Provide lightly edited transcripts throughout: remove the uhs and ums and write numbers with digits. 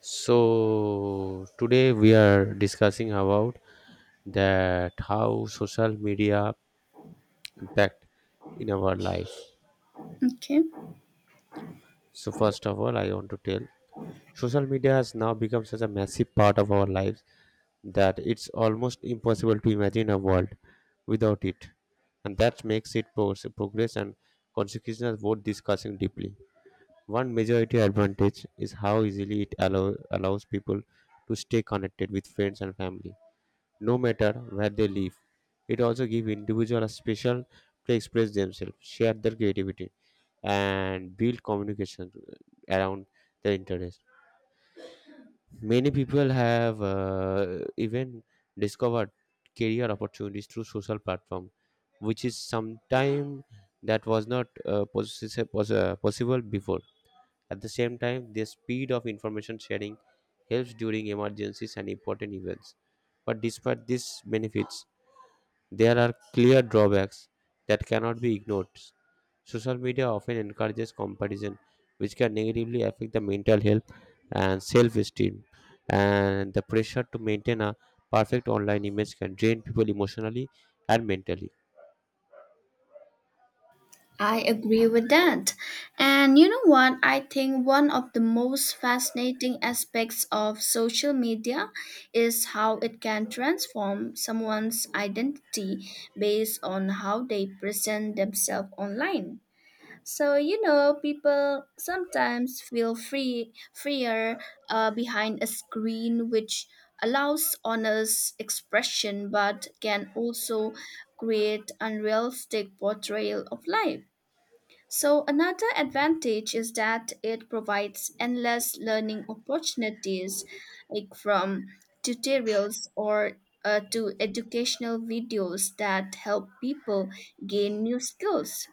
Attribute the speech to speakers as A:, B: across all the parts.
A: So today we are discussing about that how social media impact in our life.
B: Okay,
A: So first of all, I want to tell social media has now become such a massive part of our lives that it's almost impossible to imagine a world without it, and that makes it progress and consequences worth discussing deeply. One majority advantage is how easily it allows people to stay connected with friends and family no matter where they live. It also gives individuals a special to express themselves, share their creativity, and build communication around their interest. Many people have even discovered career opportunities through social platform, which is sometime that was not possible before. At the same time, the speed of information sharing helps during emergencies and important events. But despite these benefits, there are clear drawbacks that cannot be ignored. Social media often encourages comparison, which can negatively affect the mental health and self esteem. And the pressure to maintain a perfect online image can drain people emotionally and mentally.
B: I agree with that. And you know what? I think one of the most fascinating aspects of social media is how it can transform someone's identity based on how they present themselves online. So you know, people sometimes freer behind a screen, which allows honest expression, but can also create unrealistic portrayal of life. So another advantage is that it provides endless learning opportunities, like from tutorials or to educational videos that help people gain new skills,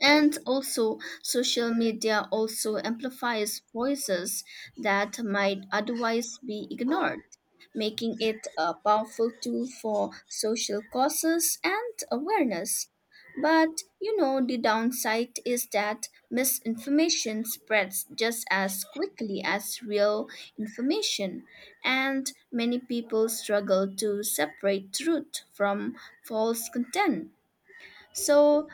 B: and also social media also amplifies voices that might otherwise be ignored, making it a powerful tool for social causes and awareness. But you know, the downside is that misinformation spreads just as quickly as real information, and many people struggle to separate truth from false content. So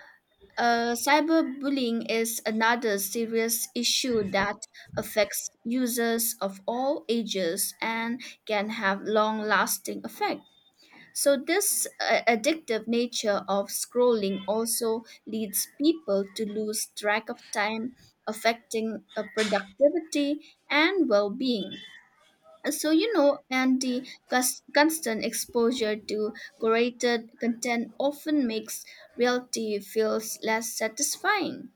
B: cyberbullying is another serious issue that affects users of all ages and can have long lasting effect. So this addictive nature of scrolling also leads people to lose track of time, affecting productivity and well-being. So, you know, and the constant exposure to curated content often makes reality feels less satisfying.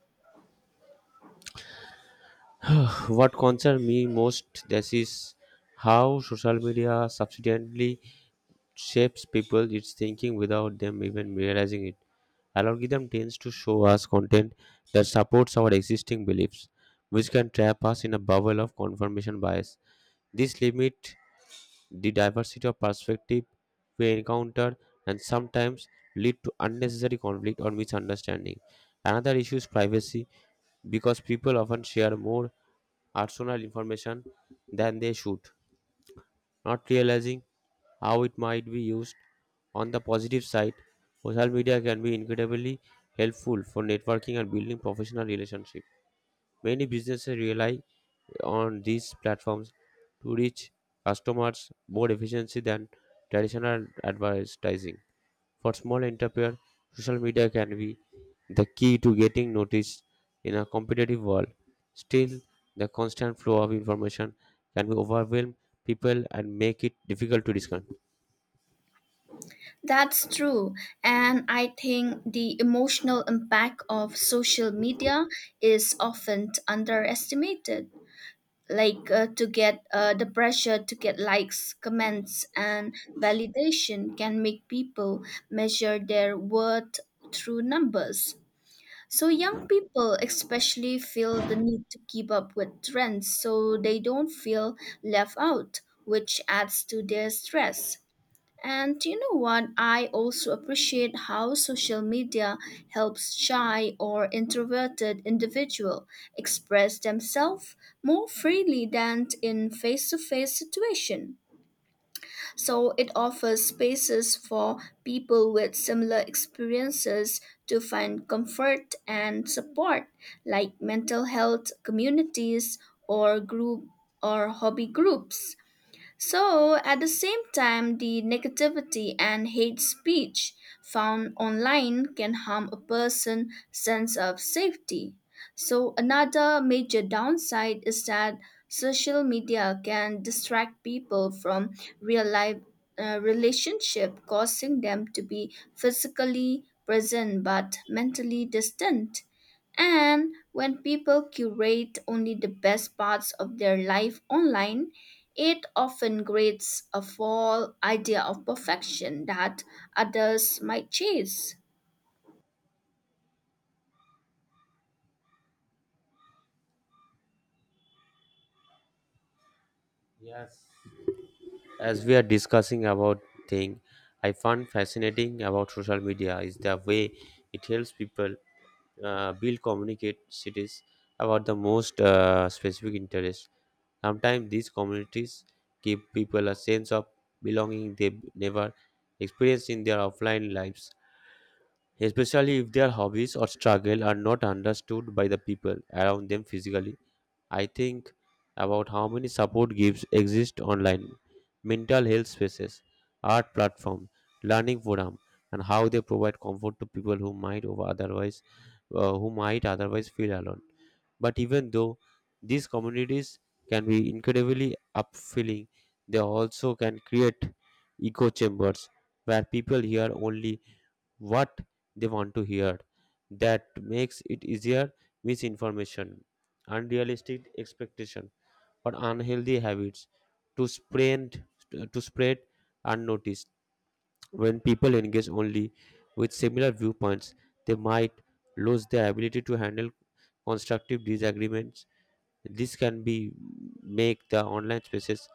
A: What concerns me most this is how social media subsequently shapes people its thinking without them even realizing it. Algorithm tends to show us content that supports our existing beliefs, which can trap us in a bubble of confirmation bias. This limits the diversity of perspective we encounter and sometimes lead to unnecessary conflict or misunderstanding. Another issue is privacy because people often share more personal information than they should, not realizing how it might be used. On the positive side, social media can be incredibly helpful for networking and building professional relationships. Many businesses rely on these platforms to reach customers more efficiently than traditional advertising. For small entrepreneurs, social media can be the key to getting noticed in a competitive world. Still, the constant flow of information can be overwhelm people and make it difficult to discern.
B: That's true. And I think the emotional impact of social media is often underestimated. Like to get the pressure to get likes, comments, and validation can make people measure their worth through numbers. So young people especially feel the need to keep up with trends so they don't feel left out, which adds to their stress. And you know what? I also appreciate how social media helps shy or introverted individual express themselves more freely than in face-to-face situation. So it offers spaces for people with similar experiences to find comfort and support, like mental health communities or group or hobby groups. So, at the same time, the negativity and hate speech found online can harm a person's sense of safety. So, another major downside is that social media can distract people from real life relationship, causing them to be physically present but mentally distant. And when people curate only the best parts of their life online, it often creates a false idea of perfection that others might chase.
A: Yes. As we are discussing about thing, I find fascinating about social media is the way it helps people build communicate cities about the most specific interest. Sometimes these communities give people a sense of belonging they never experienced in their offline lives, especially if their hobbies or struggle are not understood by the people around them physically. I think about how many support groups exist online, mental health spaces, art platform, learning forum, and how they provide comfort to people who might otherwise feel alone. But even though these communities can be incredibly upfilling, they also can create echo chambers where people hear only what they want to hear. That makes it easier misinformation, unrealistic expectation, or unhealthy habits to spread to spread unnoticed. When people engage only with similar viewpoints, they might lose their ability to handle constructive disagreements. This can be make the online spaces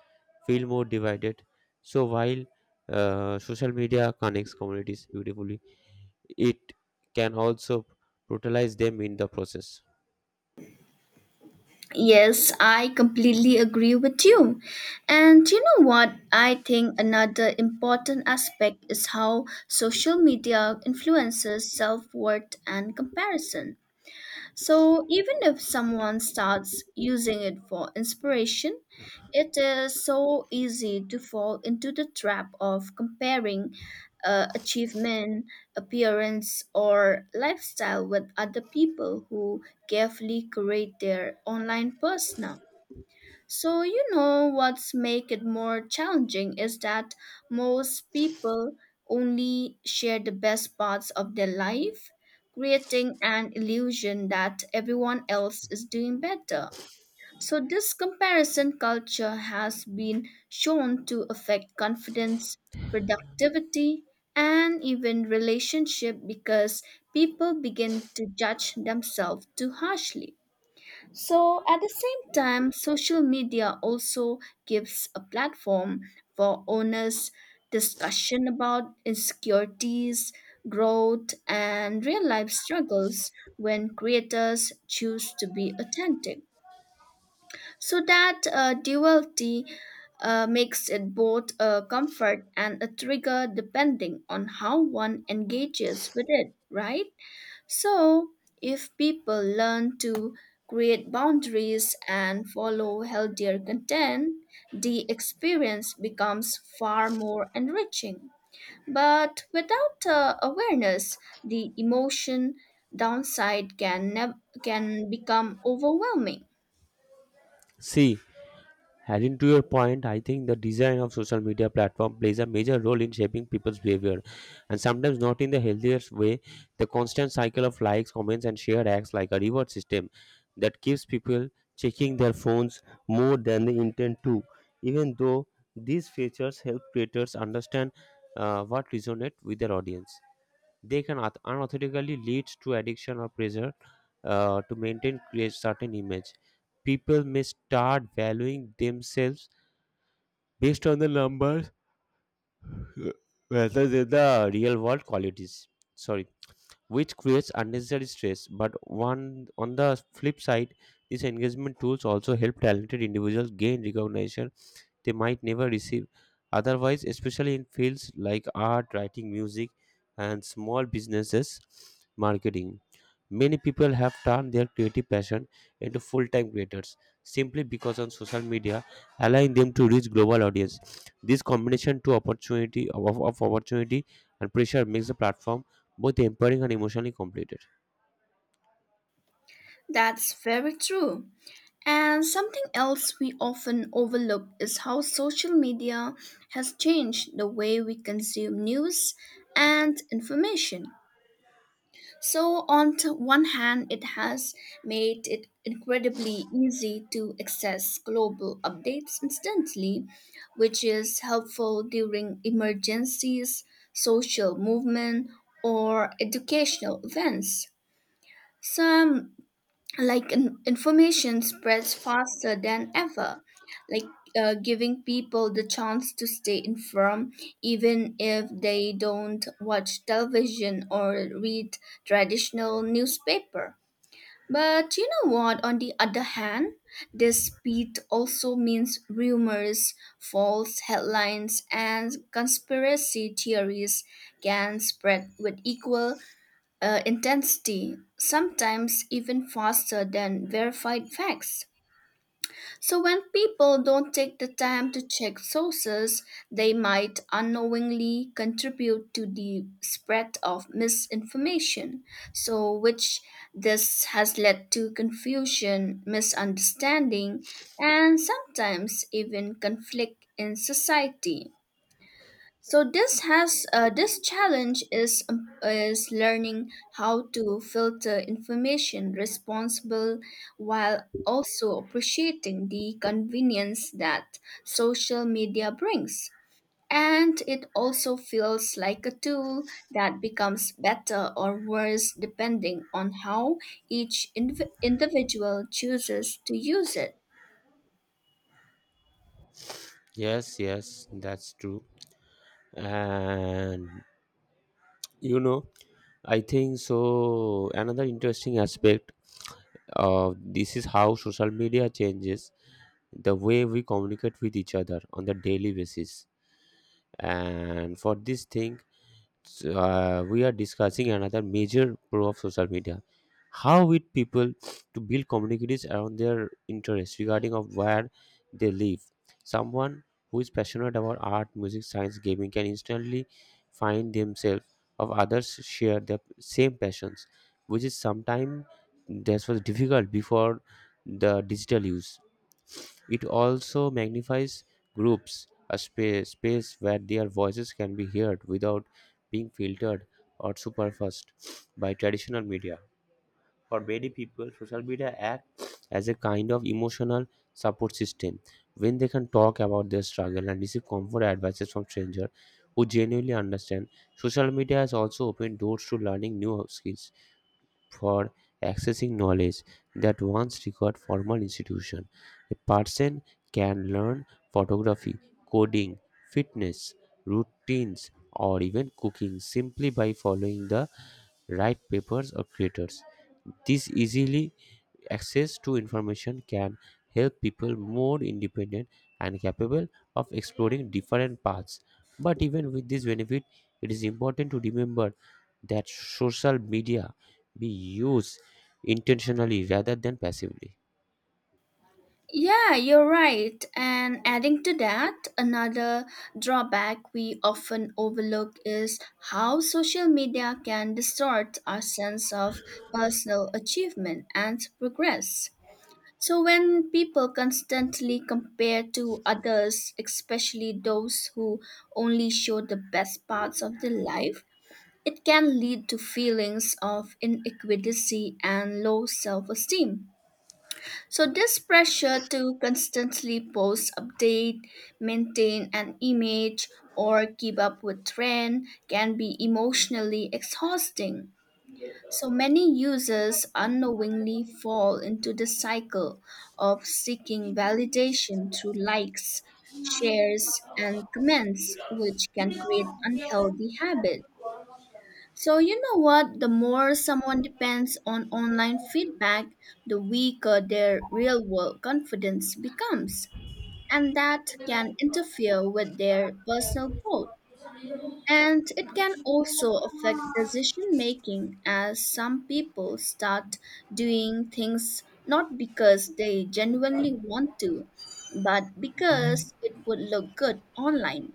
A: feel more divided. So while social media connects communities beautifully, it can also brutalize them in the process.
B: Yes, I completely agree with you. And you know what? I think another important aspect is how social media influences self worth and comparison. So even if someone starts using it for inspiration, it is so easy to fall into the trap of comparing achievement, appearance, or lifestyle with other people who carefully curate their online persona. So, you know, what's make it more challenging is that most people only share the best parts of their life, creating an illusion that everyone else is doing better. So, this comparison culture has been shown to affect confidence, productivity, and even relationship because people begin to judge themselves too harshly. So, at the same time, social media also gives a platform for honest discussion about insecurities, growth, and real life struggles when creators choose to be authentic. So, that duality makes it both a comfort and a trigger depending on how one engages with it, right? So, if people learn to create boundaries and follow healthier content, the experience becomes far more enriching. But without awareness, the emotion downside can become overwhelming.
A: See, adding to your point, I think the design of social media platform plays a major role in shaping people's behavior, and sometimes not in the healthiest way. The constant cycle of likes, comments, and share acts like a reward system that keeps people checking their phones more than they intend to, even though these features help creators understand what resonates with their audience. They can unethically leads to addiction or pressure to maintain create certain image. People may start valuing themselves based on the numbers rather than the real world qualities. Sorry, which creates unnecessary stress. But one on the flip side, these engagement tools also help talented individuals gain recognition they might never receive otherwise, especially in fields like art, writing, music, and small businesses marketing. Many people have turned their creative passion into full time creators simply because on social media allowing them to reach global audience. This combination to opportunity of opportunity and pressure makes the platform both empowering and emotionally completed.
B: That's very true. And something else we often overlook is how social media has changed the way we consume news and information. So, on one hand, it has made it incredibly easy to access global updates instantly, which is helpful during emergencies, social movement, or educational events. Some like information spreads faster than ever, like giving people the chance to stay informed even if they don't watch television or read traditional newspaper. But you know what, on the other hand, this speed also means rumors, false headlines, and conspiracy theories can spread with equal intensity, sometimes even faster than verified facts. So, when people don't take the time to check sources, they might unknowingly contribute to the spread of misinformation. So, which this has led to confusion, misunderstanding, and sometimes even conflict in society. So this has this challenge is learning how to filter information responsible, while also appreciating the convenience that social media brings. And it also feels like a tool that becomes better or worse depending on how each individual chooses to use it.
A: Yes, yes, that's true. And you know, I think so. Another interesting aspect of this is how social media changes the way we communicate with each other on the daily basis. And for this thing, so, we are discussing another major pro of social media, how with people to build communities around their interests regarding of where they live. Someone who is passionate about art music science gaming can instantly find themselves of others share their same passions, which is sometimes that was difficult before the digital use. It also magnifies groups, a space where their voices can be heard without being filtered or superfused by traditional media. For many people, social media act as a kind of emotional support system when they can talk about their struggle and receive comfort advices from strangers who genuinely understand. Social media has also opened doors to learning new skills for accessing knowledge that once required formal institution. A person can learn photography, coding, fitness, routines, or even cooking simply by following the right papers or creators. This easily access to information can help people more independent and capable of exploring different paths. But even with this benefit, it is important to remember that social media be used intentionally rather than passively.
B: Yeah, you're right. And adding to that, another drawback we often overlook is how social media can distort our sense of personal achievement and progress. So, when people constantly compare to others, especially those who only show the best parts of their life, it can lead to feelings of inequality and low self esteem. So this pressure to constantly post, update, maintain an image, or keep up with trend can be emotionally exhausting. So many users unknowingly fall into the cycle of seeking validation through likes, shares, and comments, which can create unhealthy habits. So, you know what? The more someone depends on online feedback, the weaker their real world confidence becomes. And that can interfere with their personal growth. And it can also affect decision making as some people start doing things not because they genuinely want to, but because it would look good online.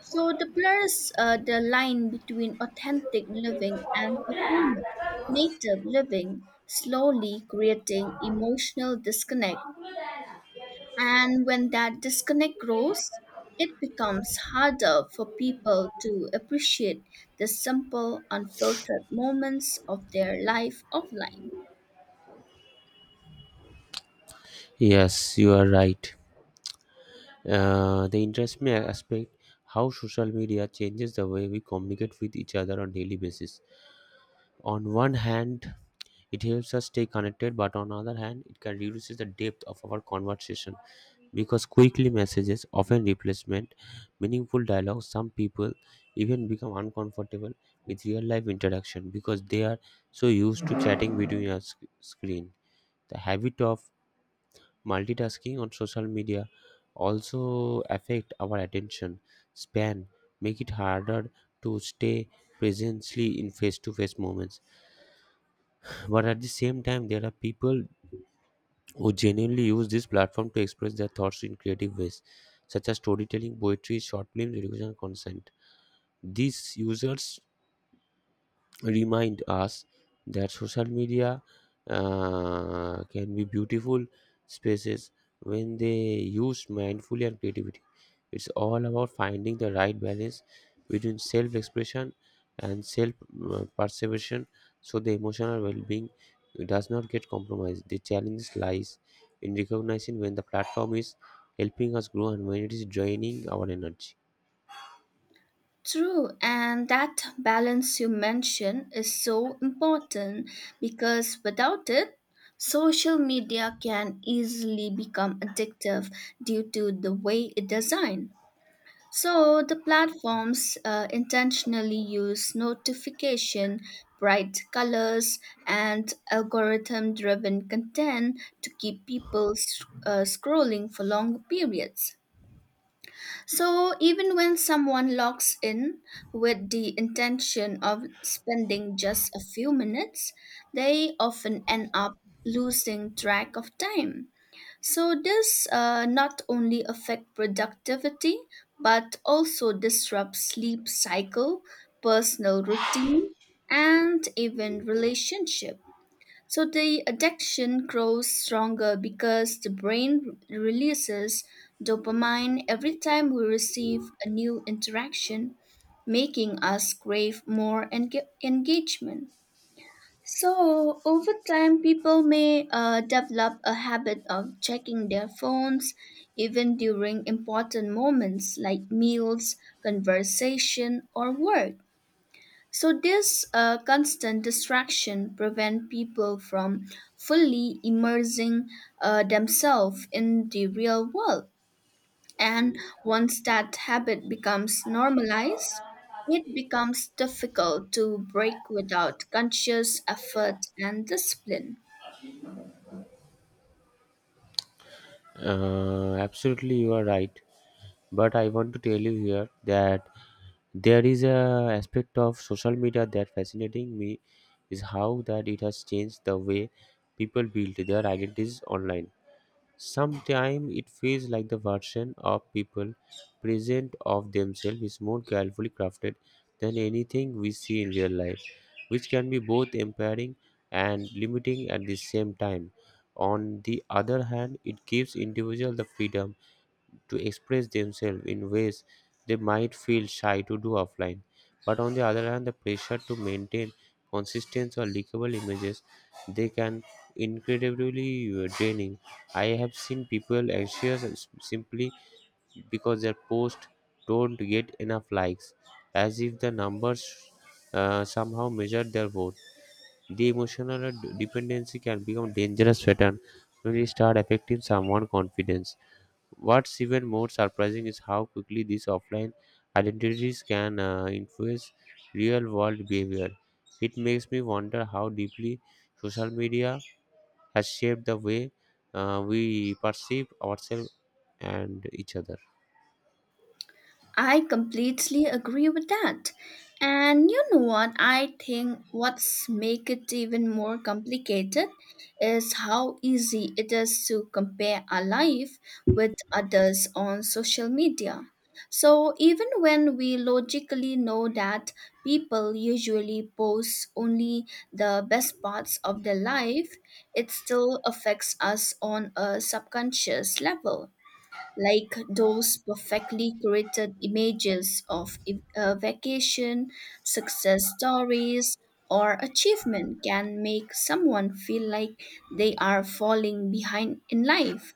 B: So the blurs the line between authentic living and performative living, slowly creating emotional disconnect. And when that disconnect grows, it becomes harder for people to appreciate the simple, unfiltered moments of their life offline.
A: Yes, you are right. The interesting aspect how social media changes the way we communicate with each other on daily basis. On one hand, it helps us stay connected, but on the other hand, it can reduce the depth of our conversation because quickly messages often replacement meaningful dialogue. Some people even become uncomfortable with real life interaction because they are so used to chatting between a screen. The habit of multitasking on social media also affect our attention span, make it harder to stay presently in face-to-face moments, but at the same time there are people who genuinely use this platform to express their thoughts in creative ways, such as storytelling, poetry, short films, education, and consent. These users remind us that social media can be beautiful spaces when they used mindfully and creativity. It's all about finding the right balance between self expression and self perseveration so the emotional well being does not get compromised. The challenge lies in recognizing when the platform is helping us grow and when it is draining our energy.
B: True, and that balance you mentioned is so important because without it, social media can easily become addictive due to the way it's designed. So the platforms intentionally use notification, bright colors, and algorithm-driven content to keep people scrolling for long periods. So, even when someone logs in with the intention of spending just a few minutes, they often end up losing track of time. So, this not only affect productivity but also disrupts sleep cycle, personal routine, and even relationship. So the addiction grows stronger because the brain releases dopamine every time we receive a new interaction, making us crave more engagement. So, over time, people may develop a habit of checking their phones even during important moments like meals, conversation, or work. So this constant distraction prevent people from fully immersing themselves in the real world. And once that habit becomes normalized, it becomes difficult to break without conscious effort and discipline.
A: Absolutely, you are right. But I want to tell you here that there is a aspect of social media that fascinating me is how that it has changed the way people build their identities online. Sometimes it feels like the version of people present of themselves is more carefully crafted than anything we see in real life, which can be both empowering and limiting at the same time. On the other hand, it gives individuals the freedom to express themselves in ways they might feel shy to do offline. But on the other hand, the pressure to maintain consistency or likable images they can incredibly draining. I have seen people anxious simply because their posts don't get enough likes, as if the numbers somehow measure their worth. The emotional dependency can become a dangerous pattern when it start affecting someone's confidence. What's even more surprising is how quickly these offline identities can influence real world behavior. It makes me wonder how deeply social media has shaped the way we perceive ourselves and each other.
B: I completely agree with that. And you know what? I think what's make it even more complicated is how easy it is to compare our life with others on social media. So even when we logically know that people usually post only the best parts of their life, it still affects us on a subconscious level, like those perfectly curated images of a vacation, success stories, or achievement can make someone feel like they are falling behind in life.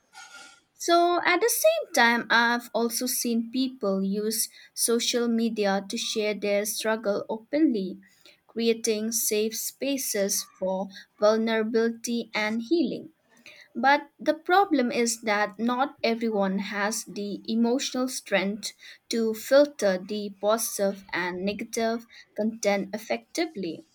B: So, at the same time, I've also seen people use social media to share their struggle openly, creating safe spaces for vulnerability and healing. But the problem is that not everyone has the emotional strength to filter the positive and negative content effectively.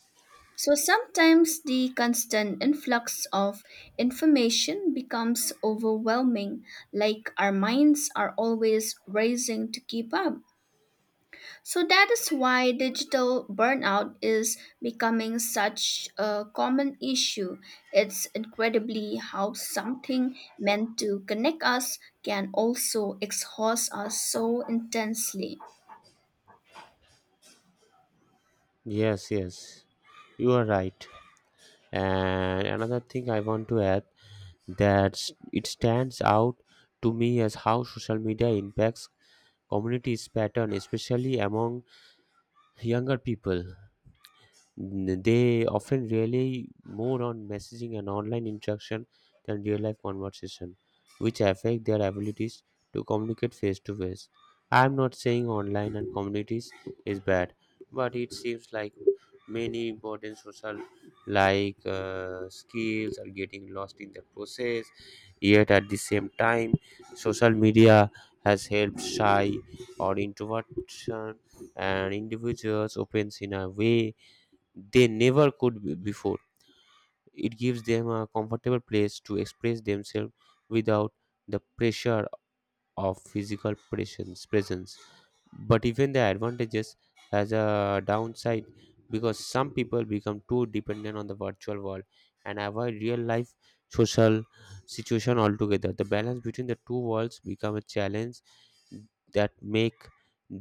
B: So sometimes the constant influx of information becomes overwhelming, like our minds are always racing to keep up. So that is why digital burnout is becoming such a common issue. It's incredibly how something meant to connect us can also exhaust us so intensely.
A: Yes, yes, you are right. And another thing I want to add that it stands out to me as how social media impacts communities pattern, especially among younger people. They often rely more on messaging and online interaction than real life conversation, which affect their abilities to communicate face to face. I am not saying online and communities is bad, but it seems like many important social like skills are getting lost in the process. Yet at the same time, social media has helped shy or introversion and individuals opens in a way they never could before. It gives them a comfortable place to express themselves without the pressure of physical presence. But even the advantages has a downside because some people become too dependent on the virtual world and avoid real life social situation altogether. The balance between the two worlds become a challenge that make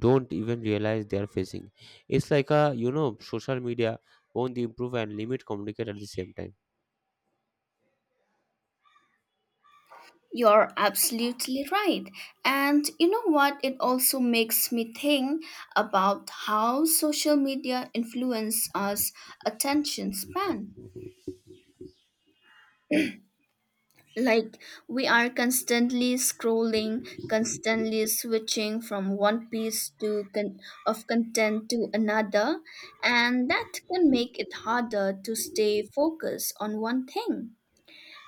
A: don't even realize they are facing. It's like a social media both improve and limit communicate at the same time.
B: You're absolutely right. And you know what? It also makes me think about how social media influence us attention span. Like we are constantly scrolling, constantly switching from one piece to con- of content to another, and that can make it harder to stay focused on one thing.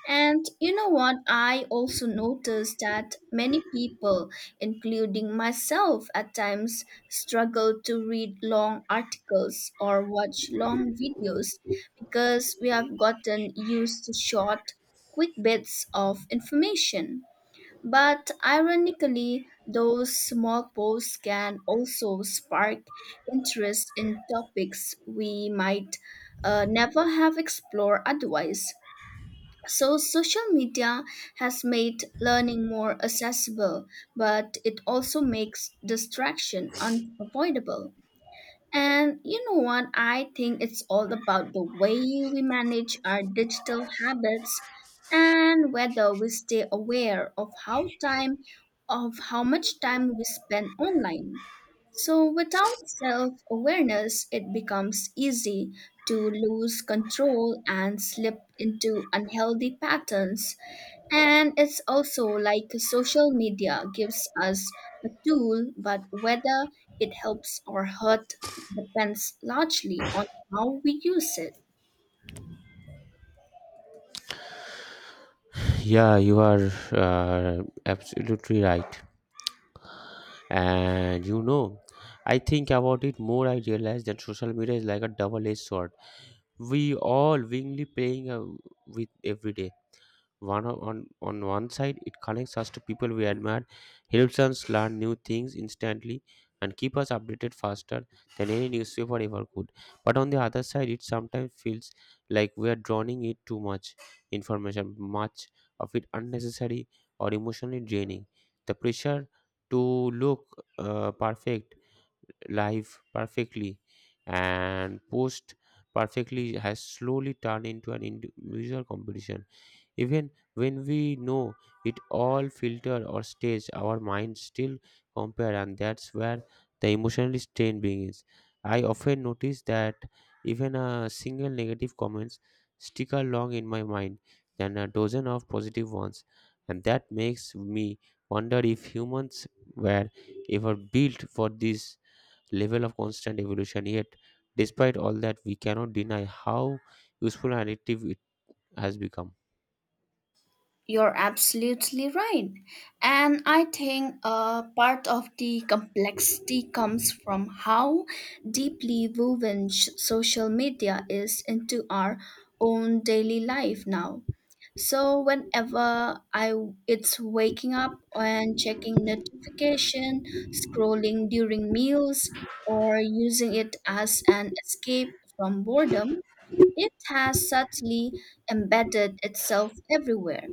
B: And you know what? I also noticed that many people, including myself at times, struggle to read long articles or watch long videos because we have gotten used to short, quick bits of information. But ironically, those small posts can also spark interest in topics we might never have explored otherwise. So, social media has made learning more accessible, but it also makes distraction unavoidable. And you know what? I think it's all about the way we manage our digital habits and whether we stay aware of how time of how much time we spend online. So without self-awareness, it becomes easy to lose control and slip into unhealthy patterns. And it's also like social media gives us a tool, but whether it helps or hurt depends largely on how we use it.
A: Yeah, you are absolutely right. And I think about it more. I realize that social media is like a double-edged sword. We all willingly playing with every day. One on one side, it connects us to people we admire, helps us learn new things instantly, and keep us updated faster than any newspaper ever could. But on the other side, it sometimes feels like we are drowning it too much information, much of it unnecessary or emotionally draining. The pressure to look perfect, live perfectly, and post perfectly has slowly turned into an individual competition even when we know it all filter or stage, our minds still compare, and that's where the emotional strain begins. I often notice that even a single negative comments stick along in my mind than a dozen of positive ones, and that makes me wonder if humans were ever built for this level of constant evolution. Yet, despite all that, we cannot deny how useful and addictive it has become.
B: You're absolutely right. And I think part of the complexity comes from how deeply woven social media is into our own daily life now. So whenever I it's waking up and checking notification, scrolling during meals or using it as an escape from boredom, it has subtly embedded itself everywhere.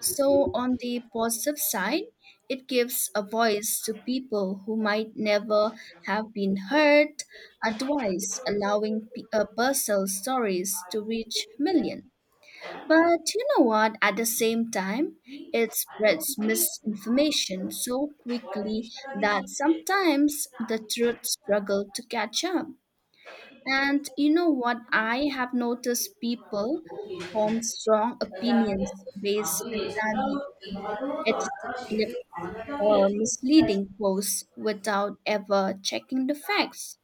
B: So, on the positive side, it gives a voice to people who might never have been heard otherwise, allowing personal stories to reach millions. But you know what? At the same time, it spreads misinformation so quickly that sometimes the truth struggle to catch up. And you know what? I have noticed people form strong opinions based entirely on edited clips or misleading posts without ever checking the facts.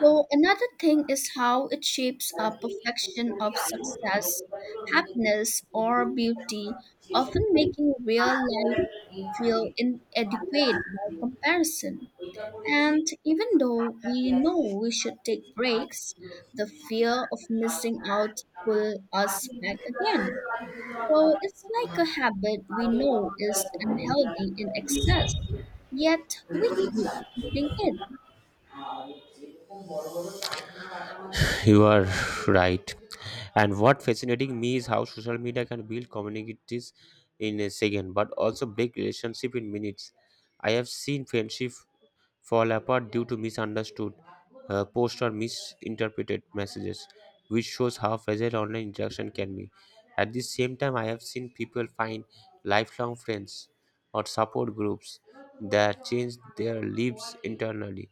B: So, another thing is how it shapes our perfection of success, happiness, or beauty, often making real life feel inadequate by comparison. And even though we know we should take breaks, the fear of missing out pull us back again. So it's like a habit we know is unhealthy in excess, yet we keep feeding it.
A: You are right. And what fascinating me is how social media can build communities in a second, but also break relationship in minutes. I have seen friendship fall apart due to misunderstood posts or misinterpreted messages, which shows how fragile online interaction can be. At the same time, I have seen people find lifelong friends or support groups that change their lives internally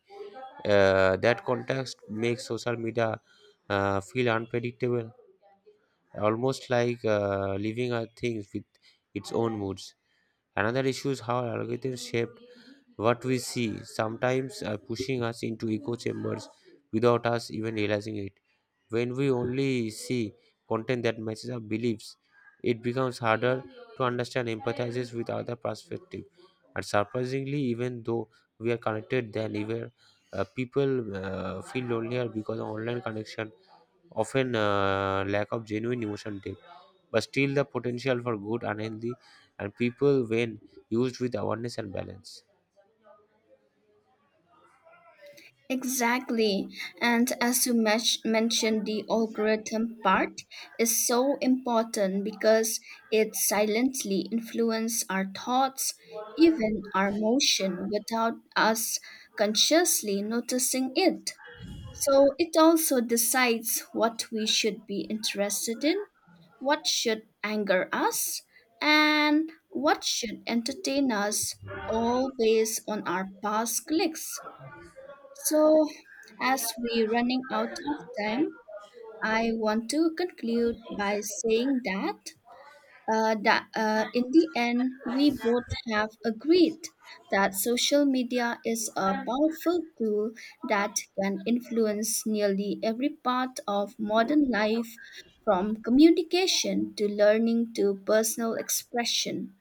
A: that context makes social media feel unpredictable, almost like living a thing with its own moods. Another issue is how algorithms shape what we see sometimes are pushing us into echo chambers without us even realizing it. When we only see content that matches our beliefs, it becomes harder to understand empathizes with other perspective. And surprisingly, even though we are connected than ever, people feel lonelier because of online connection often lack of genuine emotion depth but still the potential for good and healthy and people when used with awareness and balance.
B: Exactly. And as you mentioned, the algorithm part is so important because it silently influences our thoughts, even our motion, without us consciously noticing it. So it also decides what we should be interested in, what should anger us, and what should entertain us, all based on our past clicks. So, as we running out of time, I want to conclude by saying that that in the end, we both have agreed that social media is a powerful tool that can influence nearly every part of modern life, from communication to learning to personal expression.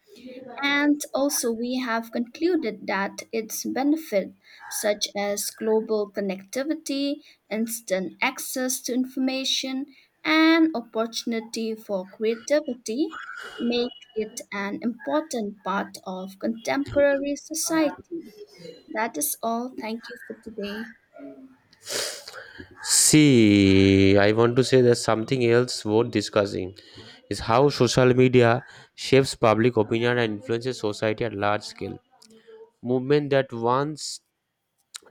B: And also, we have concluded that its benefits, such as global connectivity, instant access to information, and opportunity for creativity, make it an important part of contemporary society. That is all. Thank you for today.
A: See, I want to say that something else worth discussing is how social media shapes public opinion and influences society at large scale. Movement that once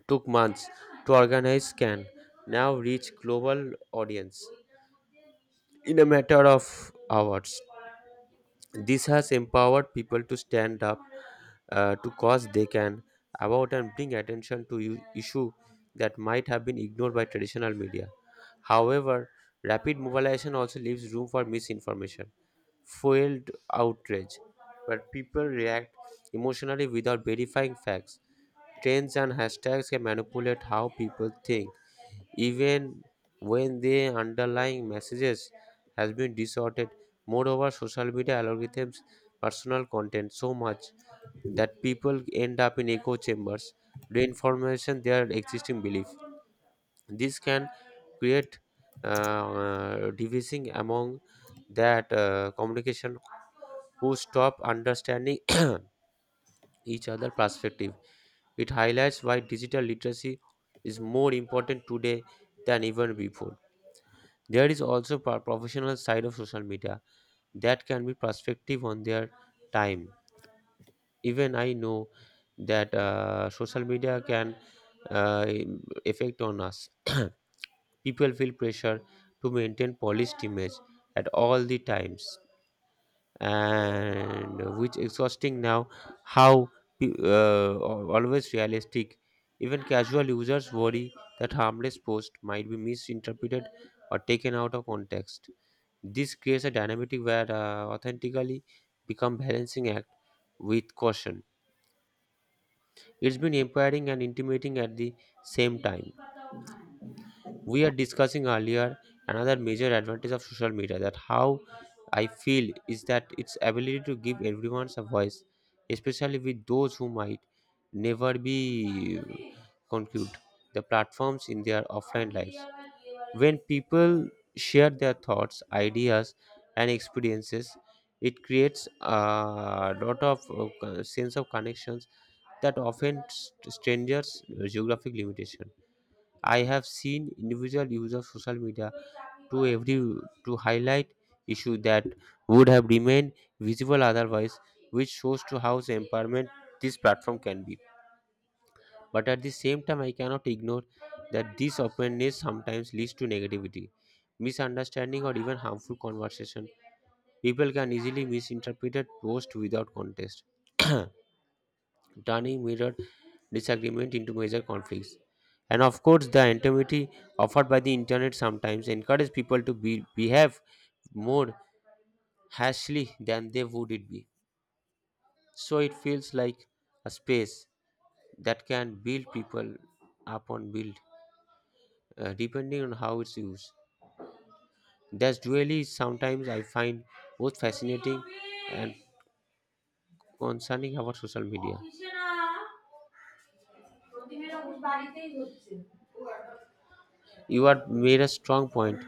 A: took months to organize can now reach global audience in a matter of hours. This has empowered people to stand up to cause they can about and bring attention to issue that might have been ignored by traditional media. However, rapid mobilization also leaves room for misinformation, fueled outrage, where people react emotionally without verifying facts. Trends and hashtags can manipulate how people think, even when the underlying messages has been distorted. Moreover, social media algorithms personal content so much that people end up in echo chambers reinforcing their existing belief. This can create division among that communication who stop understanding each other perspective. It highlights why digital literacy is more important today than even before. There is also a professional side of social media that can be perspective on their time. Even I know that social media can uh, affect on us. People feel pressure to maintain polished image at all the times, and which exhausting now. How always realistic. Even casual users worry that harmless post might be misinterpreted or taken out of context. This creates a dynamic where authentically become balancing act with caution. It's been empowering and intimidating at the same time. We are discussing earlier another major advantage of social media that how I feel is that its ability to give everyone a voice especially with those who might never be conclude the platforms in their offline lives when people share their thoughts ideas and experiences. It creates a lot of sense of connections that often strangers geographic limitation. I have seen individual use of social media to every to highlight issue that would have remained visible otherwise, which shows to how empowerment this platform can be. But at the same time, I cannot ignore that this openness sometimes leads to negativity, misunderstanding, or even harmful conversation. People can easily misinterpret posts without context. Turning mirrored disagreement into major conflicts. And of course, the anonymity offered by the internet sometimes encourages people to be, behave more harshly than they would it be. So it feels like a space that can build people upon build, depending on how it's used. That's really sometimes I find both fascinating and concerning about social media. You are made a strong point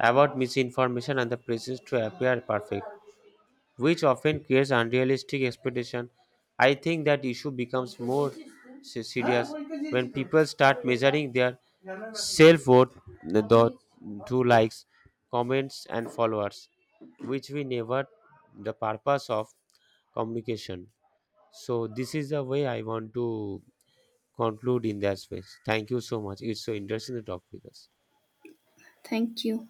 A: about misinformation and the pressures to appear perfect, which often creates unrealistic expectation. I think that issue becomes more serious when people start measuring their self worth through likes, comments, and followers, which we never the purpose of communication. So this is the way I want to conclude in that space. Thank you so much. It's so interesting to talk with us.
B: Thank you.